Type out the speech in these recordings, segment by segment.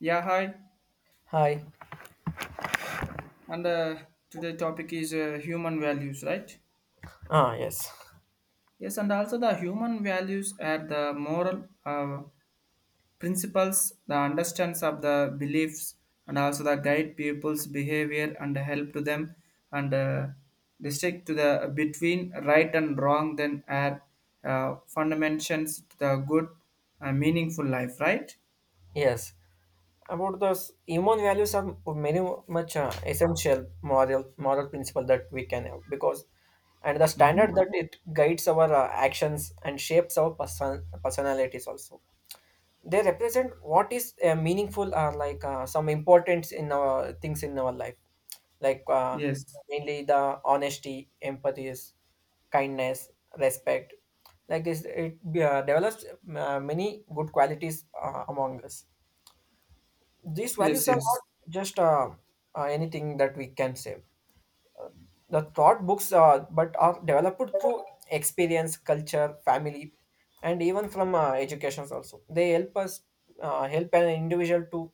Yeah, hi. Hi. And today topic is human values, right? Ah, yes. Yes, and also the human values are the moral principles, the understands of the beliefs, and also the guide people's behavior and help to them and distinct to the between right and wrong. Then are fundamentals to the good, meaningful life, right? Yes. About those human values are very much essential moral principle that we can have because and the Mm-hmm. standard that it guides our actions and shapes our personalities also. They represent what is meaningful or like some importance in our things in our life, like Yes, mainly the honesty, empathy, kindness, respect. Like this, it develops many good qualities among us. These yes, values are yes. not just anything that we can say. The thought books are, but are developed through experience, culture, family, and even from educations also. They help us help an individual to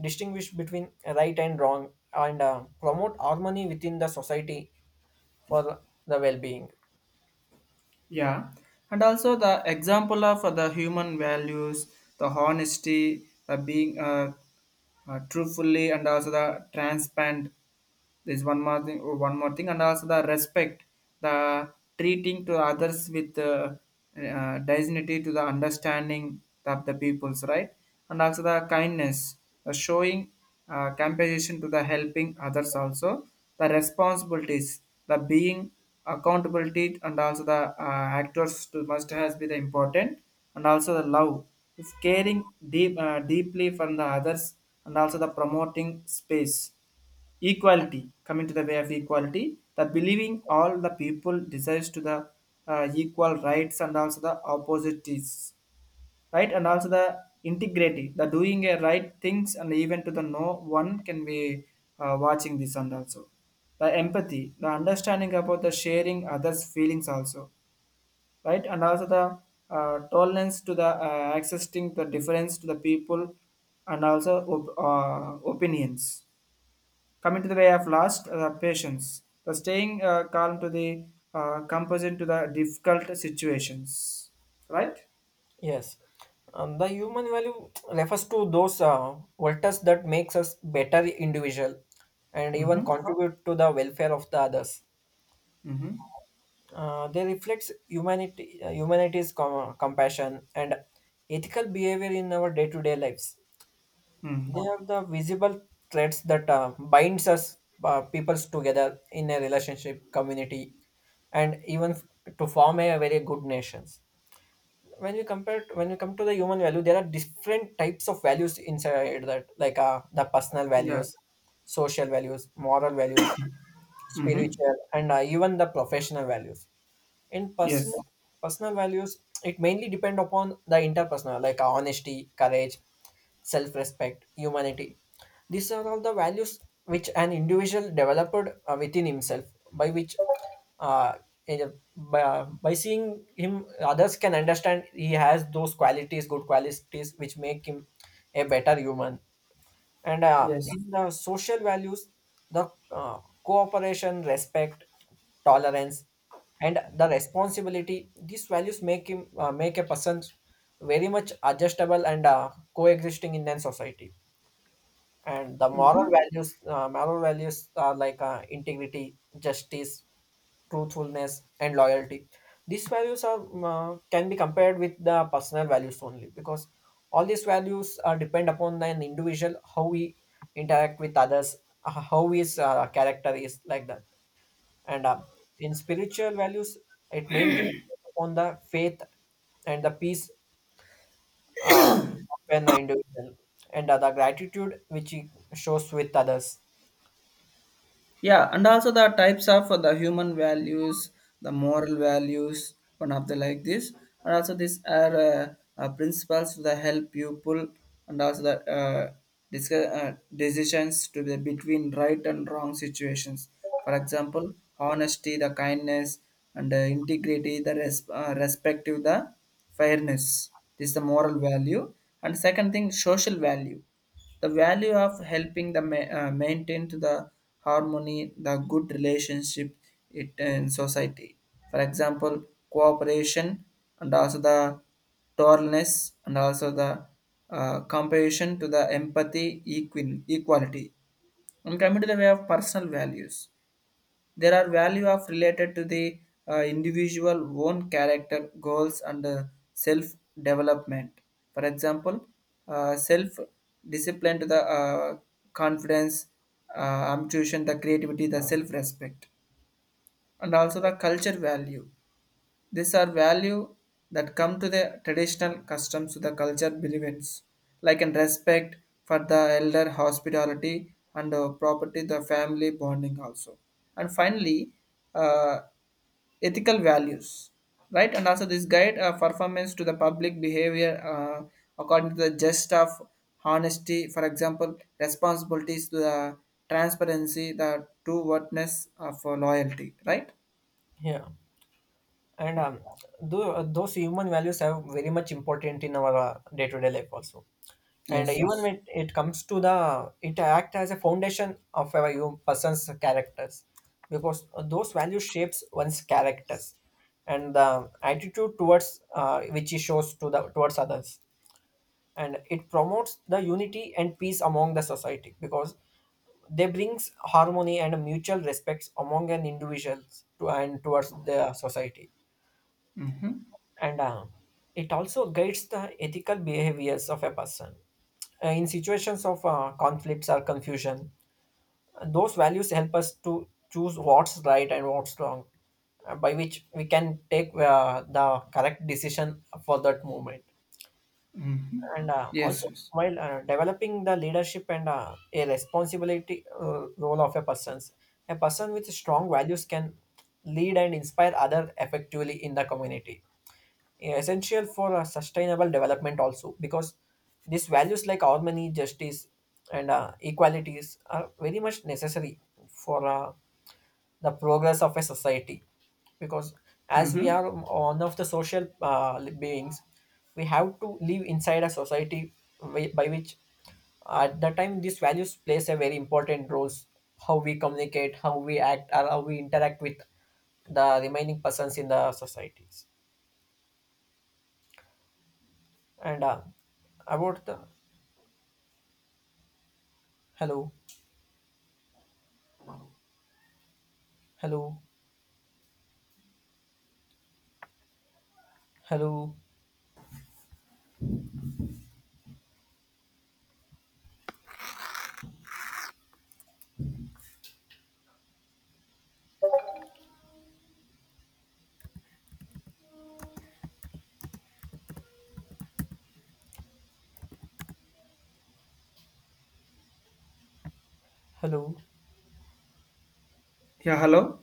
distinguish between right and wrong and promote harmony within the society for the well-being. Yeah, and also the example of the human values, the honesty, the being truthfully, and also the transparent. There's one more thing, and also the respect, the treating to others with dignity, to the understanding of the peoples, right? And also the kindness, the showing compassion to the helping others also the responsibilities the being accountability and also the actors to must has be the important and also the love if caring deeply from the others and also the promoting space equality coming to the way of equality the believing all the people desires to the equal rights and also the opportunities right and also the integrity the doing a right things and even to the no one can be watching this and also the empathy the understanding about the sharing others feelings also right and also the tolerance to the accessing the difference to the people and also opinions coming to the way of last patience the staying calm to the composition to the difficult situations right. Yes. The human value refers to those virtues that makes us better individual and even Mm-hmm. contribute to the welfare of the others. Mm-hmm. They reflects humanity, humanity's compassion and ethical behavior in our day-to-day lives. Mm-hmm. They have the visible threads that binds us peoples together in a relationship, community, and even to form a very good nations. When we compare, when we come to the human value, there are different types of values inside that, like the personal Yeah. values, social values, moral values, Mm-hmm. spiritual, and even the professional values in Yes. personal personal values. It mainly depend upon the interpersonal like honesty, courage, self-respect, humanity. These are all the values which an individual developed within himself, by which uh, by seeing him others can understand he has those qualities, good qualities which make him a better human. And Yes. in the social values, the cooperation, respect, tolerance, and the responsibility, these values make him make a person very much adjustable and coexisting in a society. And the moral Mm-hmm. values, moral values are like integrity, justice, truthfulness and loyalty. These values are can be compared with the personal values only because all these values are depend upon an individual, how we interact with others, how his character is like that. And in spiritual values, it mainly on the faith and the peace, uh, of an individual, and the gratitude which he shows with others. Yeah, and also the types of the human values, the moral values, one of the like this, and also these are principles that help people and also the decisions to be between right and wrong situations. For example, honesty, the kindness, and integrity, the respective, the fairness. This is the moral value, and second thing, social value. The value of helping the maintain to the harmony, the good relationship it, in society. For example, cooperation and also the tolerance and also the compassion to the empathy, equality. And coming to the way of personal values there are value of related to the individual own character goals and self development. For example, self discipline to the confidence, ambition, the creativity, the self respect, and also the culture value these are value that come to the traditional customs to the culture beliefs, like in respect for the elder hospitality and property, the family bonding also. And finally, uh, ethical values, right? And also this guide performance to the public behavior according to the just of honesty, for example, responsibilities to the transparency, the true worthness of loyalty, right? Yeah, and Yeah. Those human values are very much important in our day-to-day life also. And Yes, even yes. when it comes to the, it act as a foundation of our human person's characters, because those values shapes one's characters and the attitude towards which he shows to the towards others, and it promotes the unity and peace among the society because they brings harmony and mutual respects among an individuals to and towards the society, Mm-hmm. and it also guides the ethical behaviors of a person. In situations of conflicts or confusion, those values help us to choose what's right and what's wrong, by which we can take the correct decision for that moment. Mhm. And Yes, also yes. while developing the leadership and a responsibility role of a person's, a person with strong values can lead and inspire other effectively in the community, essential for a sustainable development also, because these values like harmony, justice and equalities are very much necessary for the progress of a society, because as we are Mhm. one of the social beings, we have to live inside a society, by which at the time these values plays a very important roles, how we communicate, how we act or how we interact with the remaining persons in the societies. And about the, hello, hello, hello, hello, Yeah, hello?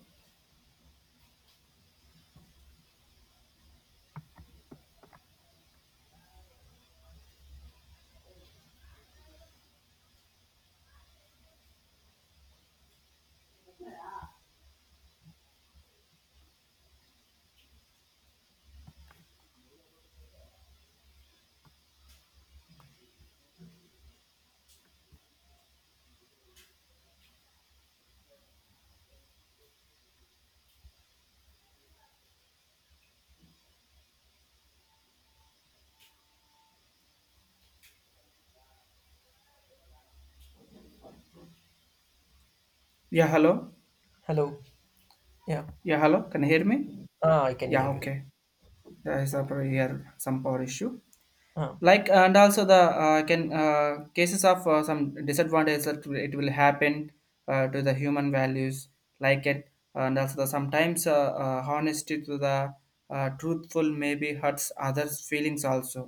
Yeah, hello? hello. Yeah, Yeah, hello? Can you hear me? ah, I can Yeah, hear you. okay. There is a here some power issue. Ah, Like and also the can cases of some disadvantages that it will happen to the human values like it and also the sometimes honesty to the truthful maybe hurts others feelings also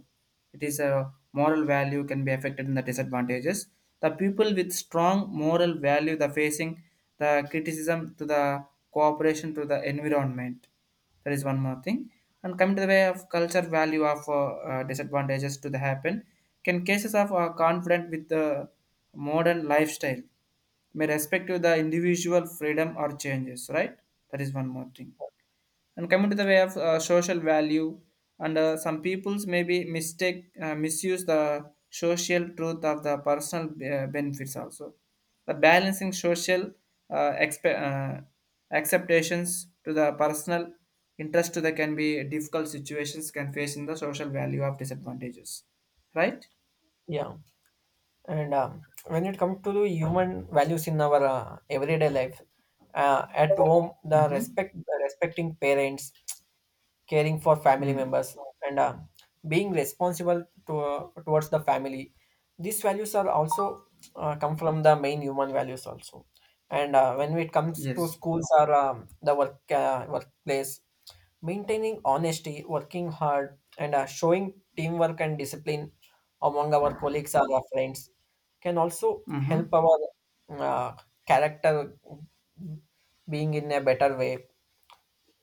it is a moral value can be affected in the disadvantages the people with strong moral value the facing the criticism to the cooperation to the environment. That is one more thing. And coming to the way of culture value of disadvantages to the happen, can cases of conflict with the modern lifestyle may respect to the individual freedom or changes, right? That is one more thing. And coming to the way of social value, and some peoples maybe mistake misuse the social truth of the personal benefits also. The balancing social uh, expe- uh, acceptations to the personal interest to the can be difficult situations can face in the social value of disadvantages, right? yeah, and when it comes to the human values in our everyday life, at home, the Mm-hmm. respect, respecting parents, caring for family Mm. members and being responsible to, towards the family, these values are also come from the main human values also. And when it comes to Yes. schools or the work workplace, maintaining honesty, working hard and showing teamwork and discipline among our colleagues or our friends can also help Mm-hmm. our uh, character being in a better way.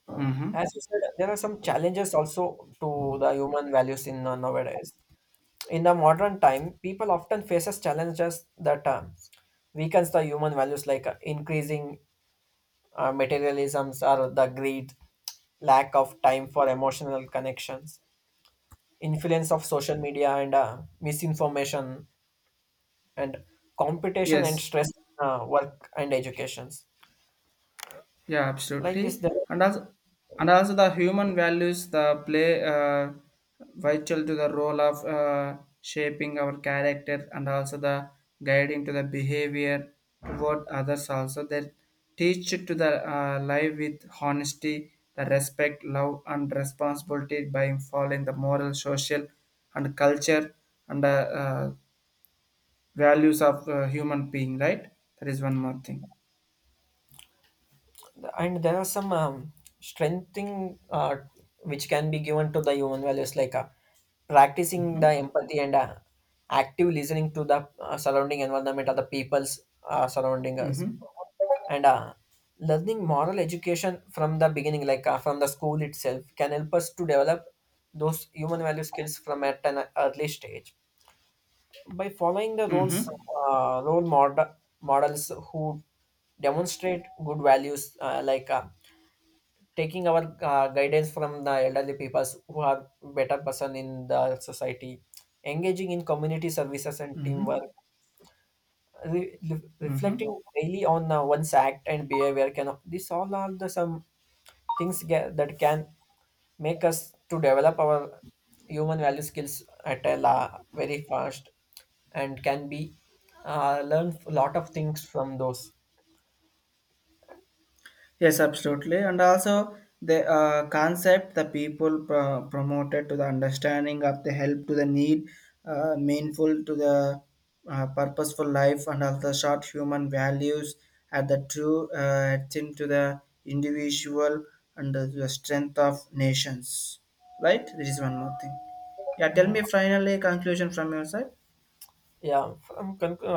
Mm-hmm. As you said, there are some challenges also to the human values in nowadays. In the modern time, people often faces challenges that weakens the human values, like increasing materialisms or the greed, lack of time for emotional connections, influence of social media and misinformation and competition and Yes. stress in, work and educations. Yeah, Like this, absolutely. there. And also, and also the human values the play vital to the role of shaping our character and also the guiding to the behavior toward others. Also, they teach to the life with honesty, the respect, love, and responsibility by following the moral, social, and culture and values of human being. Right? That is one more thing. And there are some strengthening which can be given to the human values, like practicing the Mm-hmm. empathy and active listening to the surrounding environment or the people's surrounding us, Mm-hmm. and learning moral education from the beginning, like from the school itself, can help us to develop those human value skills from at an early stage, by following the Mm-hmm. roles uh, role mod- models who demonstrate good values, like taking our guidance from the elderly people who are better person in the society, engaging in community services and teamwork, Mm-hmm. Reflecting Mhm. daily on one's act and behavior, can this all are the some things that can make us to develop our human value skills at a very fast and can be learn a lot of things from those. Yes, absolutely. And also the concept the people promoted to the understanding of the help to the need, meaningful to the purposeful life, and also short human values at the true thing to the individual and the strength of nations. Right? There is one more thing. Yeah, tell Yeah, me finally conclusion from your side. yeah from